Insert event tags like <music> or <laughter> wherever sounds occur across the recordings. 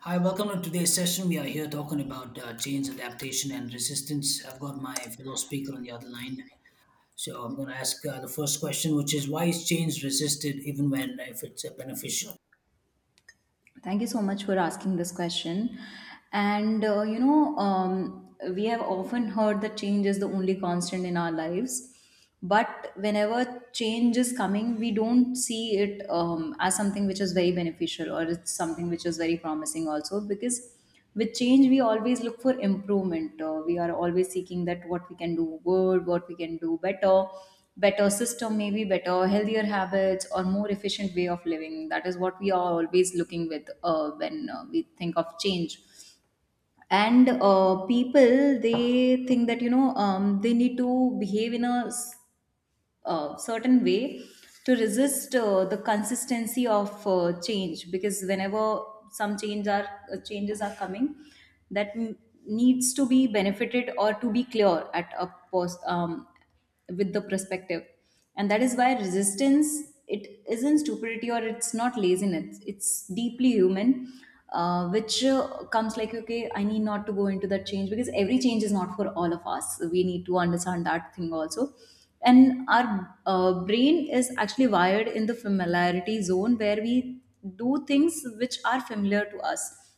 Hi, welcome to today's session. We are here talking about change, adaptation, and resistance. I've got my fellow speaker on the other line. So I'm going to ask the first question, which is why is change resisted even when if it's beneficial? Thank you so much for asking this question. We have often heard that change is the only constant in our lives. But whenever change is coming, we don't see it as something which is very beneficial, or it's something which is very promising, also, because with change we always look for improvement. We are always seeking that what we can do good, what we can do better, better system, maybe better healthier habits or more efficient way of living. That is what we are always looking with when we think of change. And People, they think that they need to behave in a certain way to resist the consistency of change. Because whenever some change are changes are coming, that needs to be benefited or to be clear at a post, with the perspective. And that is why resistance, it isn't stupidity or it's not laziness, it's deeply human, which comes like, okay, I need not to go into that change, because every change is not for all of us. We need to understand that thing also. And our brain is actually wired in the familiarity zone, where we do things which are familiar to us.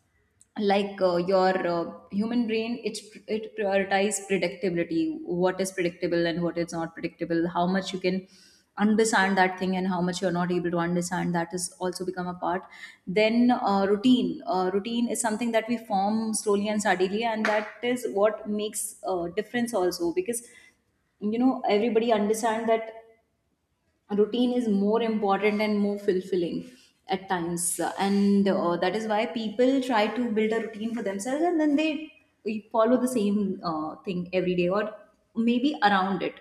Like your human brain, it prioritizes predictability. What is predictable and what is not predictable, how much you can understand that thing and how much you're not able to understand, that is also become a part. Then routine is something that we form slowly and steadily, and that is what makes difference also. Because you know, everybody understand that routine is more important and more fulfilling at times. And That is why people try to build a routine for themselves, and then they follow the same thing every day, or maybe around it.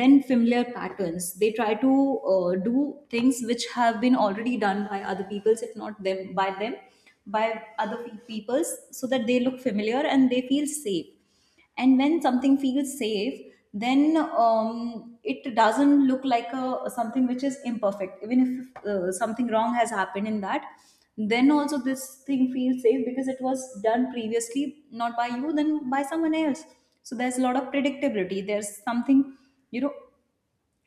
Then familiar patterns, they try to do things which have been already done by other peoples, if not them, by them, by peoples, so that they look familiar and they feel safe. And when something feels safe, then it doesn't look like a something which is imperfect. Even if something wrong has happened in that, then also this thing feels safe, because it was done previously, not by you, then by someone else. So there's a lot of predictability. There's something, you know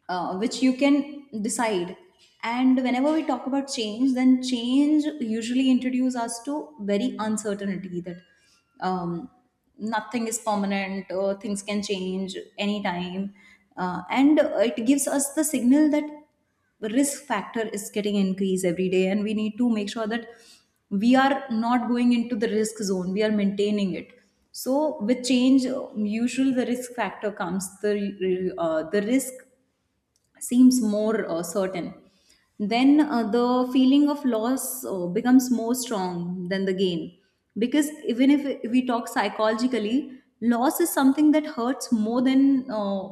which you can decide. And whenever we talk about change, then change usually introduces us to very uncertainty, that um, nothing is permanent, or things can change anytime. And It gives us the signal that the risk factor is getting increased every day, and we need to make sure that we are not going into the risk zone, we are maintaining it. So with change, usually the risk factor comes, the risk seems more certain. Then the feeling of loss becomes more strong than the gain. Because even if we talk psychologically, loss is something that hurts more than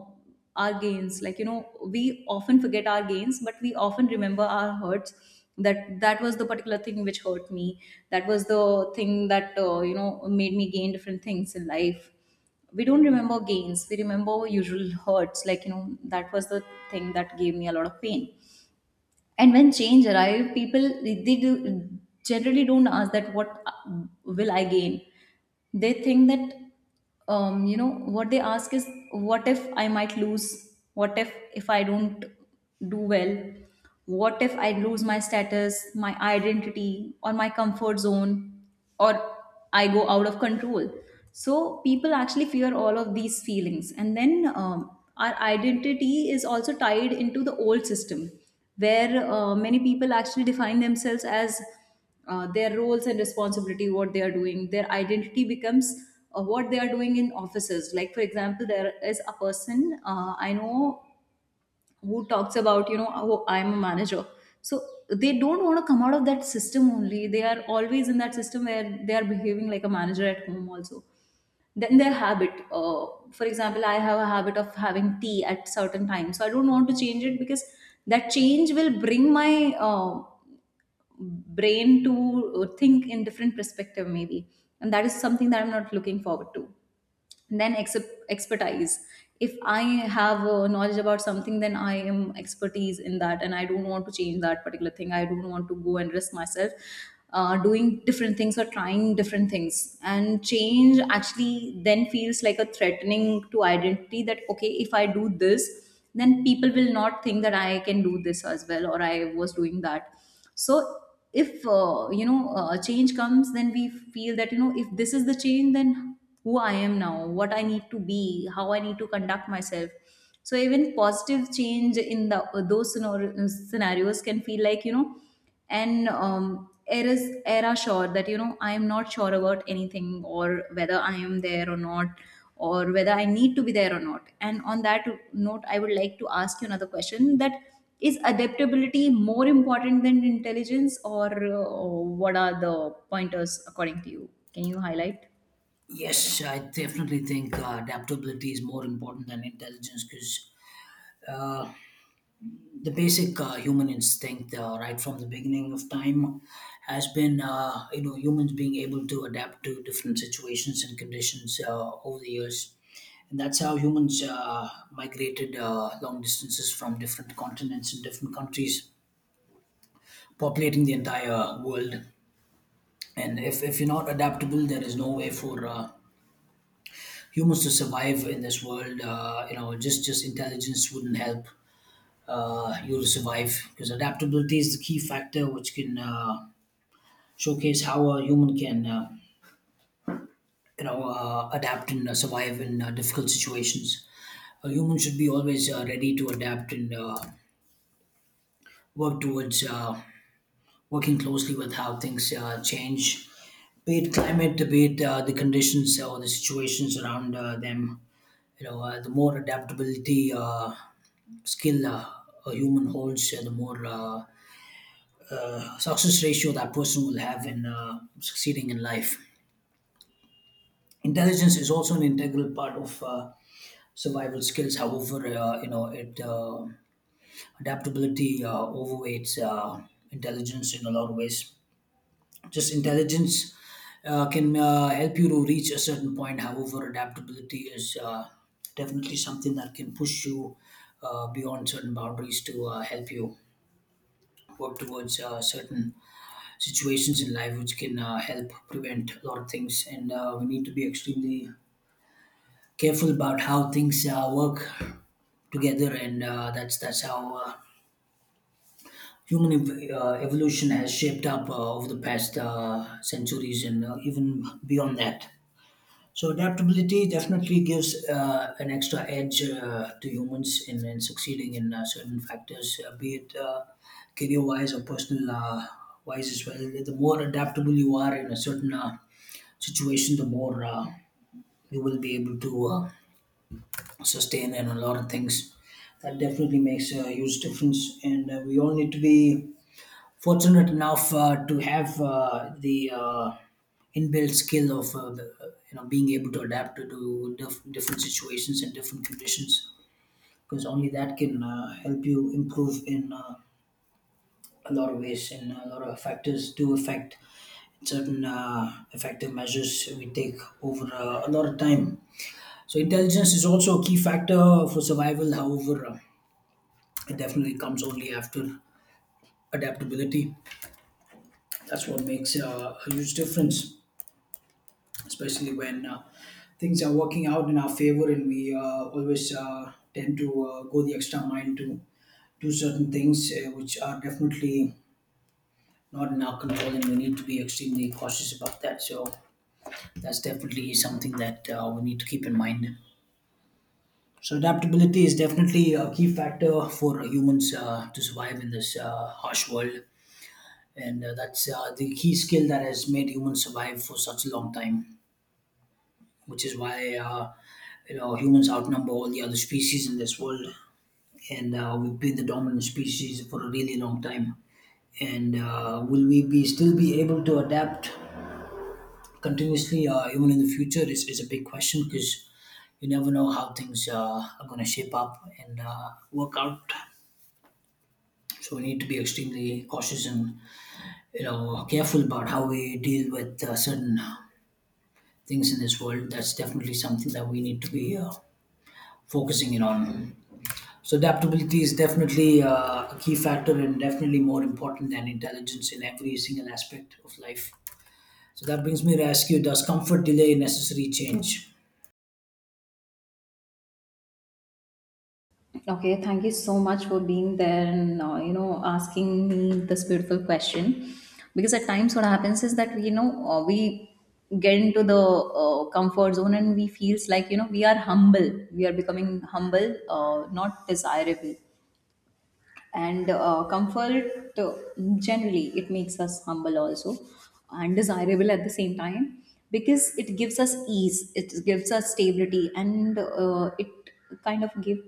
our gains. Like you know, we often forget our gains, but we often remember our hurts. That, that was the particular thing which hurt me. That was the thing that made me gain different things in life. We don't remember gains, we remember usual hurts. Like you know, that was the thing that gave me a lot of pain. And when change arrived, people, they generally don't ask that what will I gain. They think that, um, you know what they ask is, what if I might lose? What if I don't do well? What if I lose my status, my identity, or my comfort zone? Or I go out of control. So people actually fear all of these feelings. And then, our identity is also tied into the old system, where many people actually define themselves as their roles and responsibility, what they are doing. Their identity becomes what they are doing in offices. Like, for example, there is a person I know who talks about, you know, oh, I'm a manager. So they don't want to come out of that system only, they are always in that system where they are behaving like a manager at home also. Then their habit, for example, I have a habit of having tea at certain times, so I don't want to change it, because that change will bring my brain to think in different perspective maybe. And that is something that I'm not looking forward to. Then expertise, if I have knowledge about something, then I am expertise in that, and I don't want to change that particular thing. I don't want to go and risk myself doing different things or trying different things. And change actually then feels like a threatening to identity, that okay, if I do this, then people will not think that I can do this as well, or I was doing that. So if a change comes, then we feel that, you know, if this is the change, then who I am now, what I need to be, how I need to conduct myself. So even positive change in the those scenarios can feel like, you know. And it is era sure that, you know, I am not sure about anything, or whether I am there or not, or whether I need to be there or not. And on that note, I would like to ask you another question: that is adaptability more important than intelligence, or, what are the pointers according to you? Can you highlight? Yes, I definitely think adaptability is more important than intelligence because the basic human instinct right from the beginning of time has been you know humans being able to adapt to different situations and conditions over the years, and that's how humans migrated long distances from different continents and different countries, populating the entire world. And if you're not adaptable, there is no way for humans to survive in this world. You know, just intelligence wouldn't help you to survive, because adaptability is the key factor which can showcase how a human can adapt and survive in difficult situations. A human should be always ready to adapt and work towards working closely with how things change, be it climate, be it the conditions or the situations around them. The more adaptability skill a human holds, the more success ratio that person will have in succeeding in life. Intelligence is also an integral part of survival skills. However, you know, it adaptability overweights intelligence in a lot of ways. Just intelligence can help you to reach a certain point. However, adaptability is definitely something that can push you beyond certain boundaries to help you work towards certain situations in life, which can help prevent a lot of things. And we need to be extremely careful about how things work together. And that's how evolution has shaped up over the past centuries, and even beyond that. So adaptability definitely gives an extra edge to humans in succeeding in certain factors, be it career wise or personal wise as well. The more adaptable you are in a certain situation, the more you will be able to sustain and a lot of things. That definitely makes a huge difference, and we all need to be fortunate enough to have the inbuilt skill of the you know, being able to adapt to different situations and different conditions, because only that can help you improve in a lot of ways. And a lot of factors do affect certain effective measures we take over a lot of time. So intelligence is also a key factor for survival. However, it definitely comes only after adaptability. That's what makes a huge difference, especially when things are working out in our favor, and we always tend to go the extra mile to do certain things which are definitely not in our control, and we need to be extremely cautious about that. So that's definitely something that we need to keep in mind. So adaptability is definitely a key factor for humans to survive in this harsh world, and that's the key skill that has made humans survive for such a long time. Which is why you know humans outnumber all the other species in this world, and we've been the dominant species for a really long time. And will we be still be able to adapt continuously, even in the future, is a big question, because you never know how things are going to shape up and work out. So we need to be extremely cautious and, you know, careful about how we deal with certain things in this world. That's definitely something that we need to be focusing in on. So adaptability is definitely a key factor and definitely more important than intelligence in every single aspect of life. So that brings me to ask you: does comfort delay necessary change? Okay, thank you so much for being there and, asking me this beautiful question. Because at times, what happens is that we, you know we get into the comfort zone, and we feels like, you know, we are humble. We are becoming humble, not desirable. And comfort generally it makes us humble also, and desirable at the same time. Because it gives us ease, it gives us stability, and it kind of give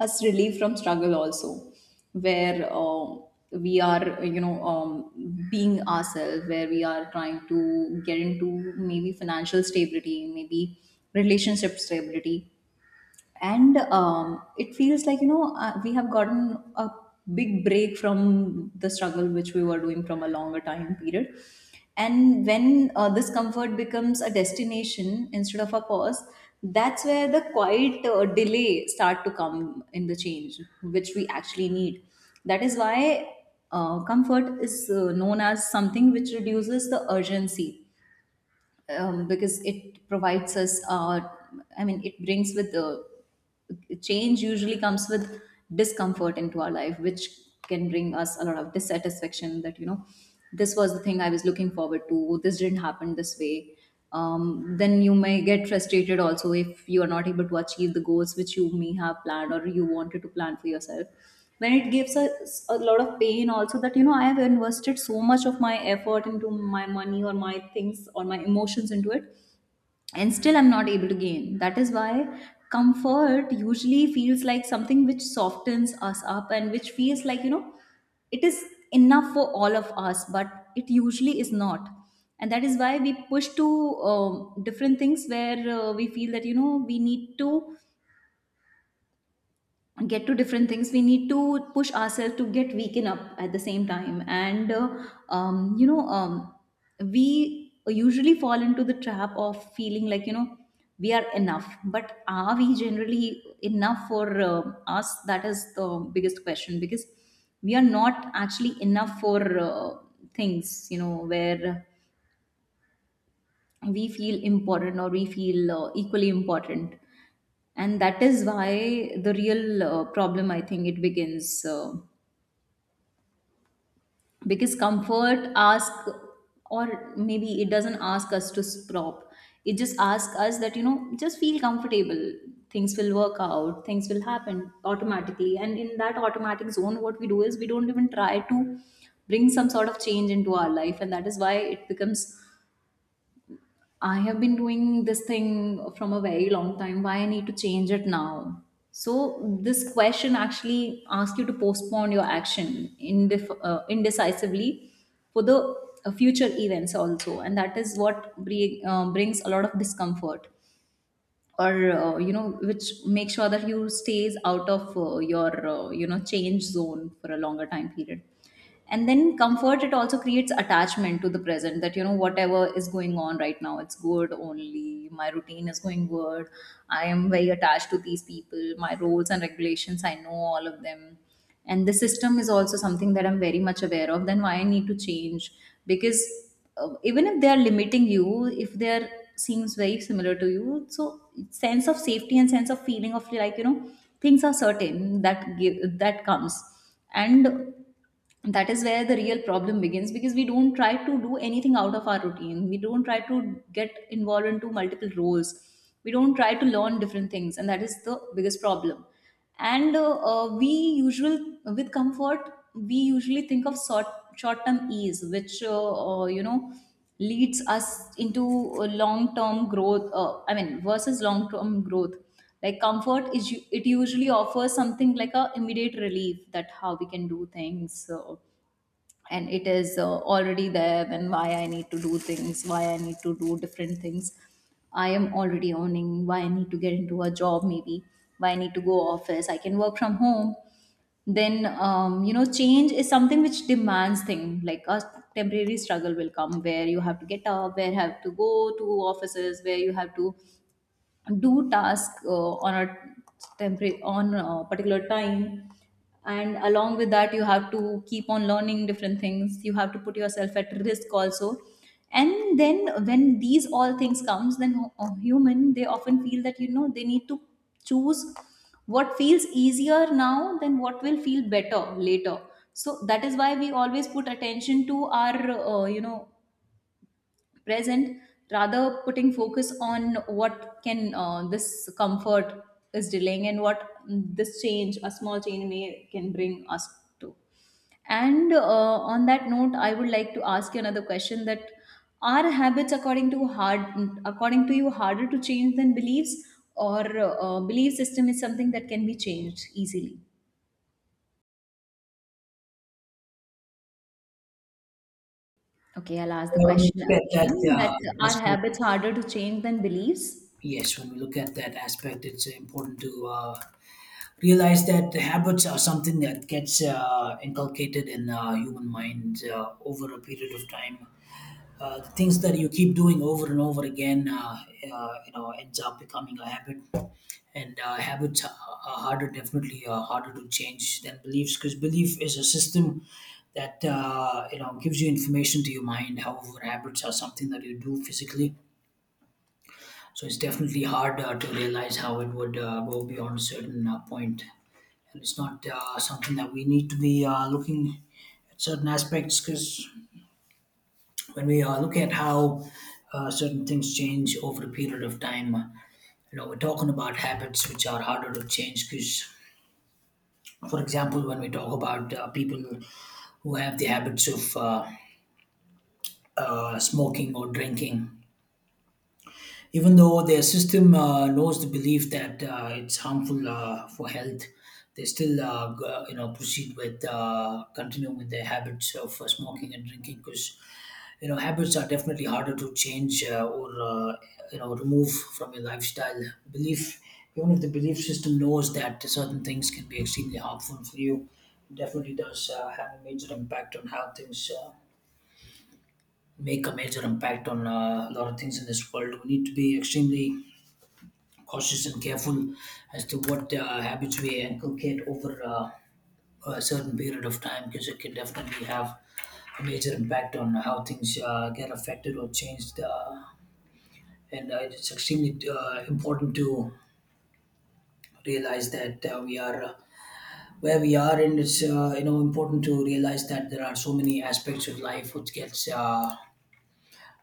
us relief from struggle also, where we are, being ourselves, where we are trying to get into maybe financial stability, maybe relationship stability. And it feels like, you know, we have gotten a big break from the struggle which we were doing from a longer time period. And when this comfort becomes a destination instead of a pause, that's where the quiet delay start to come in the change which we actually need. That is why comfort is known as something which reduces the urgency. Because it provides us, I mean, it brings with the, change usually comes with discomfort into our life, which can bring us a lot of dissatisfaction. That you know, this was the thing I was looking forward to, this didn't happen this way. Then you may get frustrated also, if you are not able to achieve the goals which you may have planned or you wanted to plan for yourself. Then it gives us a lot of pain also. That you know, I have invested so much of my effort, into my money or my things or my emotions into it, and still I'm not able to gain. That is why comfort usually feels like something which softens us up, and which feels like, you know, it is enough for all of us, but it usually is not. And that is why we push to different things, where we feel that, you know, we need to get to different things, we need to push ourselves to get weaken up at the same time. And um, you know um, we usually fall into the trap of feeling like, you know, we are enough. But are we generally enough for us? That is the biggest question. Because we are not actually enough for things, you know, where we feel important, or we feel equally important. And that is why the real problem, I think it begins, because comfort ask, or maybe it doesn't ask us to stop, it just asks us that, you know, just feel comfortable, things will work out, things will happen automatically. And in that automatic zone, what we do is we don't even try to bring some sort of change into our life. And that is why it becomes, I have been doing this thing from a very long time. Why I need to change it now? So this question actually asks you to postpone your action indecisively for the future events also, and that is what brings a lot of discomfort, or which make sure that you stays out of your change zone for a longer time period. And then comfort, it also creates attachment to the present, that whatever is going on right now, it's good, only my routine is going good. I am very attached to these people, my roles and regulations, I know all of them, and the system is also something that I'm very much aware of. Then why I need to change? Because even if they are limiting you, if they are seems very similar to you, so sense of safety and sense of feeling of like things are certain, that give, that comes. And that is where the real problem begins, because we don't try to do anything out of our routine, we don't try to get involved into multiple roles, we don't try to learn different things, and that is the biggest problem. And we usual with comfort we usually think of short term ease which leads us into long term growth, I mean, versus long term growth. Like comfort is it usually offers something like a immediate relief, that how we can do things. So, and it is already there. And why I need to do things, why I need to do different things? I am already earning, why I need to get into a job, maybe? Why I need to go office? I can work from home. Then change is something which demands thing like a temporary struggle will come, where you have to get up, where you have to go to offices, where you have to do task on a temporary on a particular time. And along with that, you have to keep on learning different things, you have to put yourself at risk also. And then when these all things comes, then human they often feel that they need to choose what feels easier now than what will feel better later. So that is why we always put attention to our present, rather putting focus on what can this comfort is delaying and what this change, a small change, may can bring us to. And on that note I would like to ask you another question, that are habits according to hard according to you harder to change than beliefs, or belief system is something that can be changed easily? Okay, I'll ask the Yeah, when we question look at that again, that are aspect, habits harder to change than beliefs? yes, when we look at that aspect, it's important to realize that the habits are something that gets inculcated in human mind over a period of time. The things that you keep doing over and over again, you know, ends up becoming a habit. And habits are harder, definitely harder to change than beliefs, because belief is a system that you know gives you information to your mind. However, habits are something that you do physically. So it's definitely hard to realize how it would go beyond a certain point. And it's not something that we need to be looking at certain aspects, because when we look at how certain things change over a period of time, you know, we're talking about habits which are harder to change because, for example, when we talk about people who have the habits of smoking or drinking, even though their system knows the belief that it's harmful for health, they still you know proceed with, continue with their habits of smoking and drinking, because you know habits are definitely harder to change or you know remove from your lifestyle belief. Even if the belief system knows that certain things can be extremely harmful for you, it definitely does have a major impact on how things make a major impact on a lot of things in this world. We need to be extremely cautious and careful as to what habits we inculcate over a certain period of time, because it can definitely have a major impact on how things get affected or changed. And it's extremely important to realize that we are where we are, and it's you know important to realize that there are so many aspects of life which gets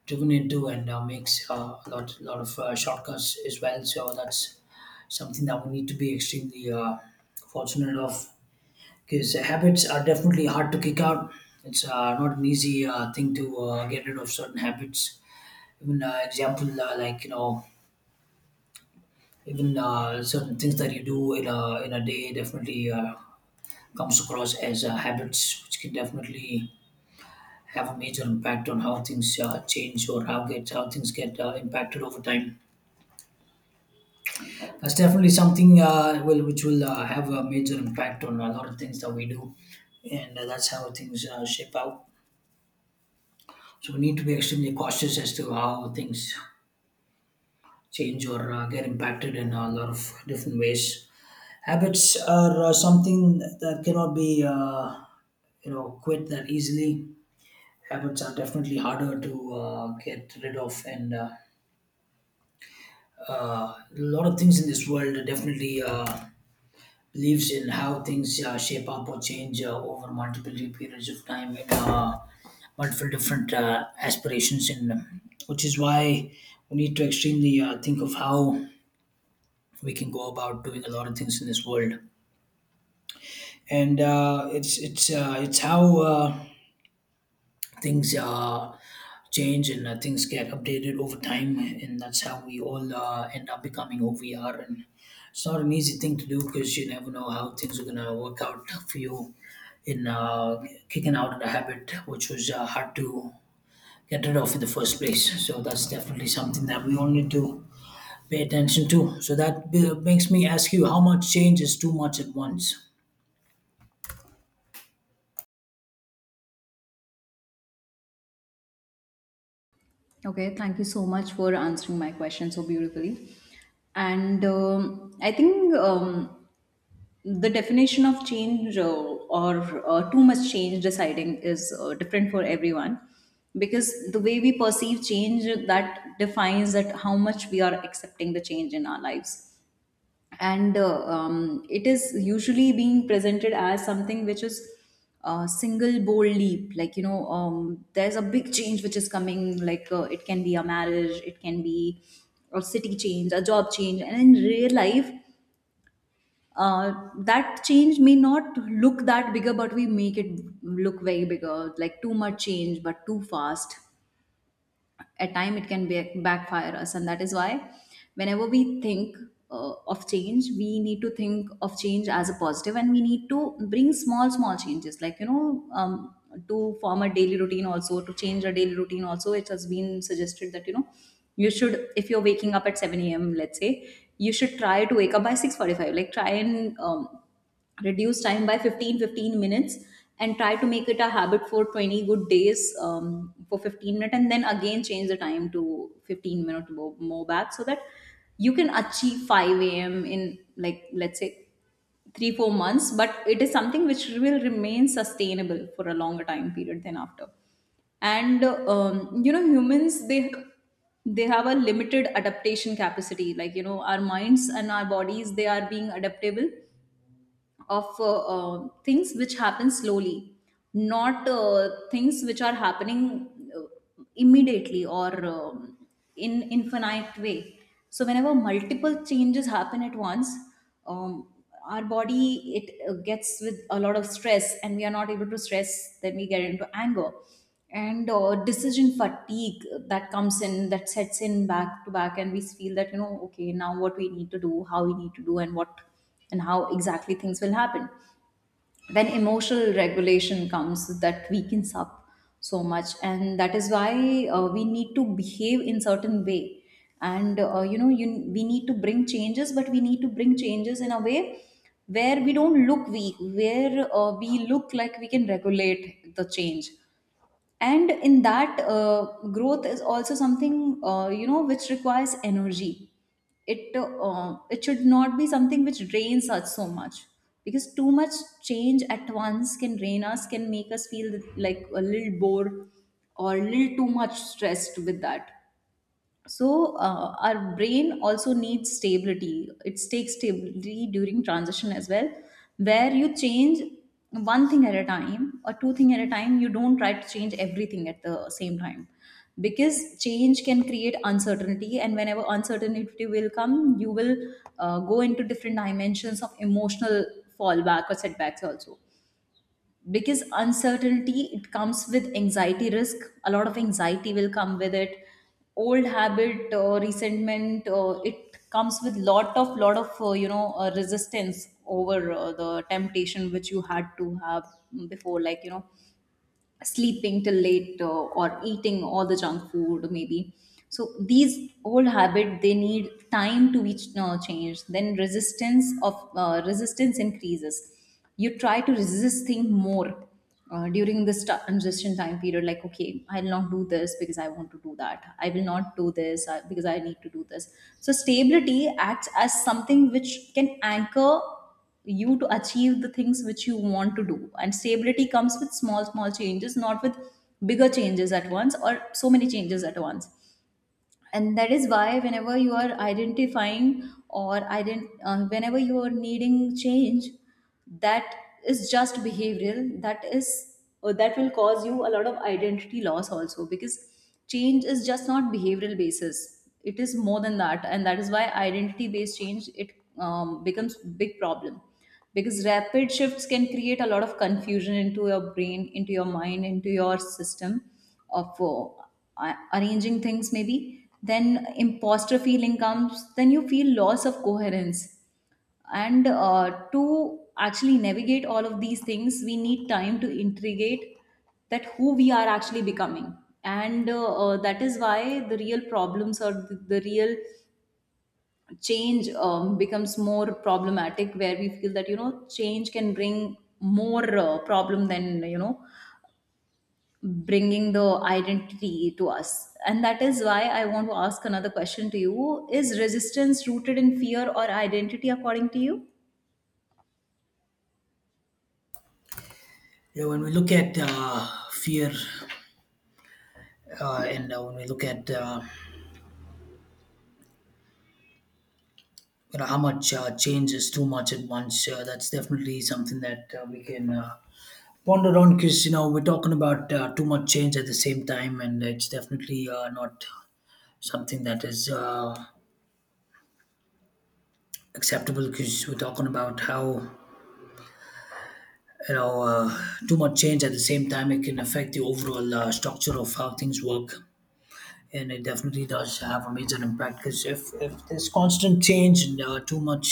driven into, and makes a lot of shortcuts as well. So that's something that we need to be extremely fortunate of, because habits are definitely hard to kick out. It's not an easy thing to get rid of certain habits. Even example like you know, even certain things that you do in a day definitely comes across as habits, which can definitely have a major impact on how things change or how get how things get impacted over time. That's definitely something will which will have a major impact on a lot of things that we do, and that's how things shape out. So we need to be extremely cautious as to how things change or get impacted in a lot of different ways. Habits are something that cannot be you know quit that easily. Habits are definitely harder to get rid of, and a lot of things in this world definitely. Beliefs in how things shape up or change over multiple periods of time and multiple different aspirations, and which is why we need to extremely think of how we can go about doing a lot of things in this world. And it's how things change, and things get updated over time, and that's how we all end up becoming who we are. And it's not an easy thing to do, because you never know how things are going to work out for you in kicking out of the habit which was hard to get rid of in the first place. So that's definitely something that we all need to pay attention to. So that makes me ask you: how much change is too much at once? Okay, thank you so much for answering my question so beautifully. And I think, the definition of change, or too much change deciding, is different for everyone, because the way we perceive change that defines that how much we are accepting the change in our lives. And it is usually being presented as something which is a single bold leap, like there's a big change which is coming, like it can be a marriage, it can be a city change, a job change, and in real life uh, that change may not look that bigger, but we make it look very bigger, like too much change but too fast at time, it can be backfire us. And that is why whenever we think of change, we need to think of change as a positive, and we need to bring small small changes, like to form a daily routine also, to change a daily routine also, it has been suggested that you should, if you're waking up at 7 a.m, let's say, you should try to wake up by 6:45, like try and reduce time by 15 15 minutes, and try to make it a habit for 20 good days, for 15 minutes, and then again change the time to 15 minutes more, more back, so that you can achieve 5 a.m in, like, let's say 3 4 months, but it is something which will remain sustainable for a longer time period than after. And humans they have a limited adaptation capacity, like our minds and our bodies they are being adaptable of things which happen slowly, not things which are happening uh, immediately, or in infinite way. So whenever multiple changes happen at once, um, our body it gets with a lot of stress, and we are not able to stress. Then we get into anger, and decision fatigue that comes in, that sets in back to back, and we feel that okay, now what we need to do, how we need to do, and what and how exactly things will happen. Then emotional regulation comes that weakens up so much, and that is why we need to behave in certain way. And we need to bring changes, but we need to bring changes in a way where we don't look weak, where we look like we can regulate the change. And in that growth is also something which requires energy, it should not be something which drains us so much, because too much change at once can drain us, can make us feel like a little bored or a little too much stressed with that. So our brain also needs stability, it takes stability during transition as well, where you change one thing at a time or two thing at a time, you don't try to change everything at the same time, because change can create uncertainty, and whenever uncertainty will come you will go into different dimensions of emotional fallback or setbacks also, because uncertainty it comes with anxiety risk, a lot of anxiety will come with it. Old habit or resentment, it comes with lot of resistance over the temptation which you had to have before, like sleeping till late or eating all the junk food, maybe. So these old habit they need time to be changed, then resistance of resistance increases, you try to resist things more during this transition time period, like okay, I'll not do this because I want to do that, I will not do this because I need to do this. So stability acts as something which can anchor you to achieve the things which you want to do, and stability comes with small small changes, not with bigger changes at once or so many changes at once. And that is why, whenever you are identifying, or whenever you are needing change that is just behavioral, that is, or that will cause you a lot of identity loss also, because change is just not behavioral basis, it is more than that, and that is why identity based change it becomes big problem, because rapid shifts can create a lot of confusion into your brain, into your mind, into your system of arranging things, maybe, then imposter feeling comes, then you feel loss of coherence. And to actually navigate all of these things we need time to integrate that who we are actually becoming. And that is why the real problems, or the real change becomes more problematic, where we feel that change can bring more problem than bringing the identity to us. And that is why I want to ask another question to you, is resistance rooted in fear or identity, according to you? Yeah, when we look at fear and when we look at you know how much change too much at once. That's definitely something that we can ponder on, because you know we're talking about too much change at the same time, and it's definitely not something that is acceptable, because we're talking about how, you know, too much change at the same time, it can affect the overall structure of how things work. And it definitely does have a major impact because if there's constant change and too much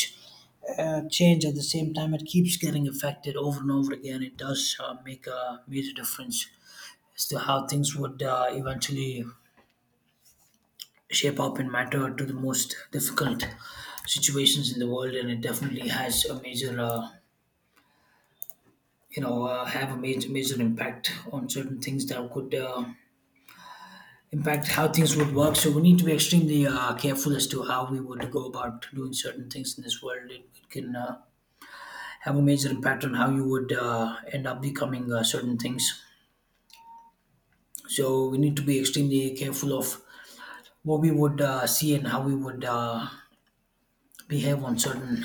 change at the same time, it keeps getting affected over and over again. It does make a major difference as to how things would eventually shape up and matter to the most difficult situations in the world, and it definitely has a major, have a major impact on certain things that could impact how things would work. So we need to be extremely careful as to how we would go about doing certain things in this world. It can have a major impact on how you would end up becoming certain things. So we need to be extremely careful of what we would see and how we would behave on certain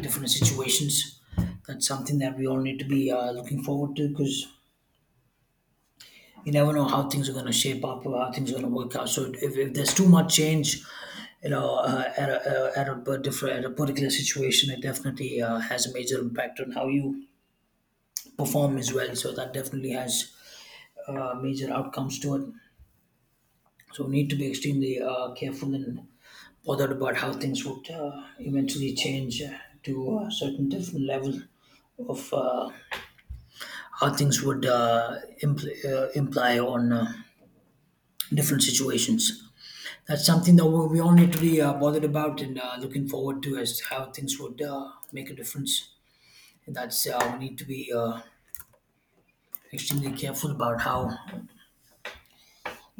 different situations. That's something that we all need to be looking forward to because you never know how things are going to shape up or how things are going to work out. So if there's too much change, at a different at a particular situation, it definitely has a major impact on how you perform as well. So that definitely has major outcomes to it. So we need to be extremely careful and bothered about how things would eventually change to a certain different level of how things would imply on different situations. That's something that we all need to be bothered about and looking forward to as to how things would make a difference. And that's we need to be extremely careful about how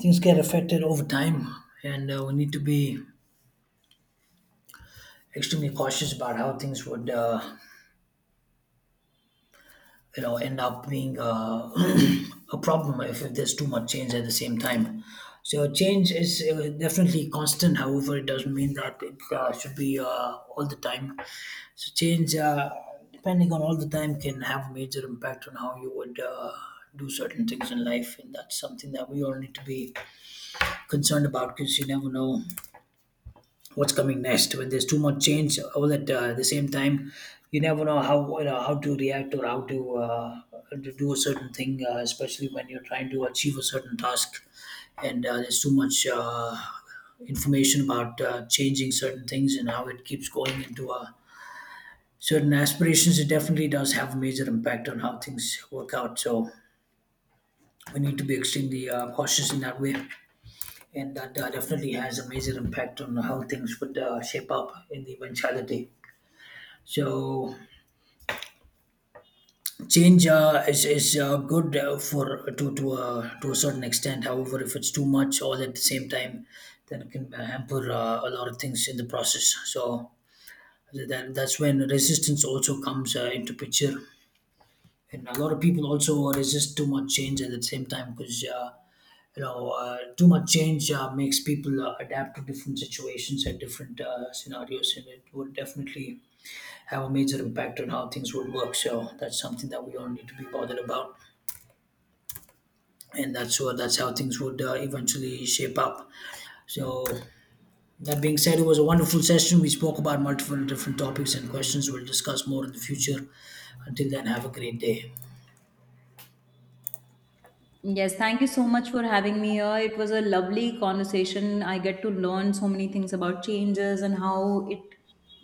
things get affected over time, and we need to be extremely cautious about how things would end up being <clears throat> a problem if, there's too much change at the same time. So change is definitely constant. However, it doesn't mean that it should be all the time. So change, depending on all the time, can have a major impact on how you would do certain things in life, and that's something that we all need to be concerned about, because you never know what's coming next when there's too much change all at the same time. You never know how to react or how to do a certain thing, especially when you're trying to achieve a certain task, and there's too much information about changing certain things and how it keeps going into a certain aspirations. It definitely does have a major impact on how things work out, so we need to be extremely cautious in that way, and that definitely has a major impact on how things would shape up in the eventuality. So change is good for to a certain extent. However, if it's too much all at the same time, then it can hamper a lot of things in the process. So that's when resistance also comes into picture. And a lot of people also resist too much change at the same time, because too much change makes people adapt to different situations and different scenarios, and it would definitely have a major impact on how things would work. So that's something that we all need to be bothered about, and that's how things would eventually shape up. So, that being said, it was a wonderful session. We spoke about multiple different topics and questions. We'll discuss more in the future. Until then, have a great day. Yes, thank you so much for having me here. It was a lovely conversation. I get to learn so many things about changes and how it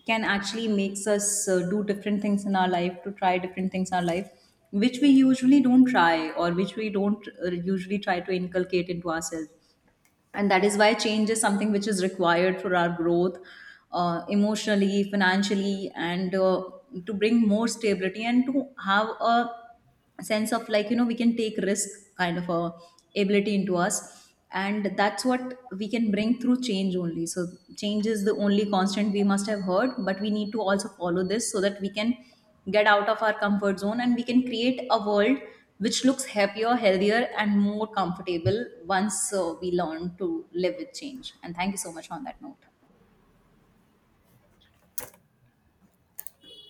can actually makes us do different things in our life, to try different things in our life which we usually don't try, or which we don't usually try to inculcate into ourselves. And that is why change is something which is required for our growth, emotionally, financially, and to bring more stability and to have a sense of like we can take risk kind of a ability into us, and that's what we can bring through change only. So change is the only constant, we must have heard, but we need to also follow this so that we can get out of our comfort zone and we can create a world which looks happier, healthier, and more comfortable once we learn to live with change. And thank you so much on that note.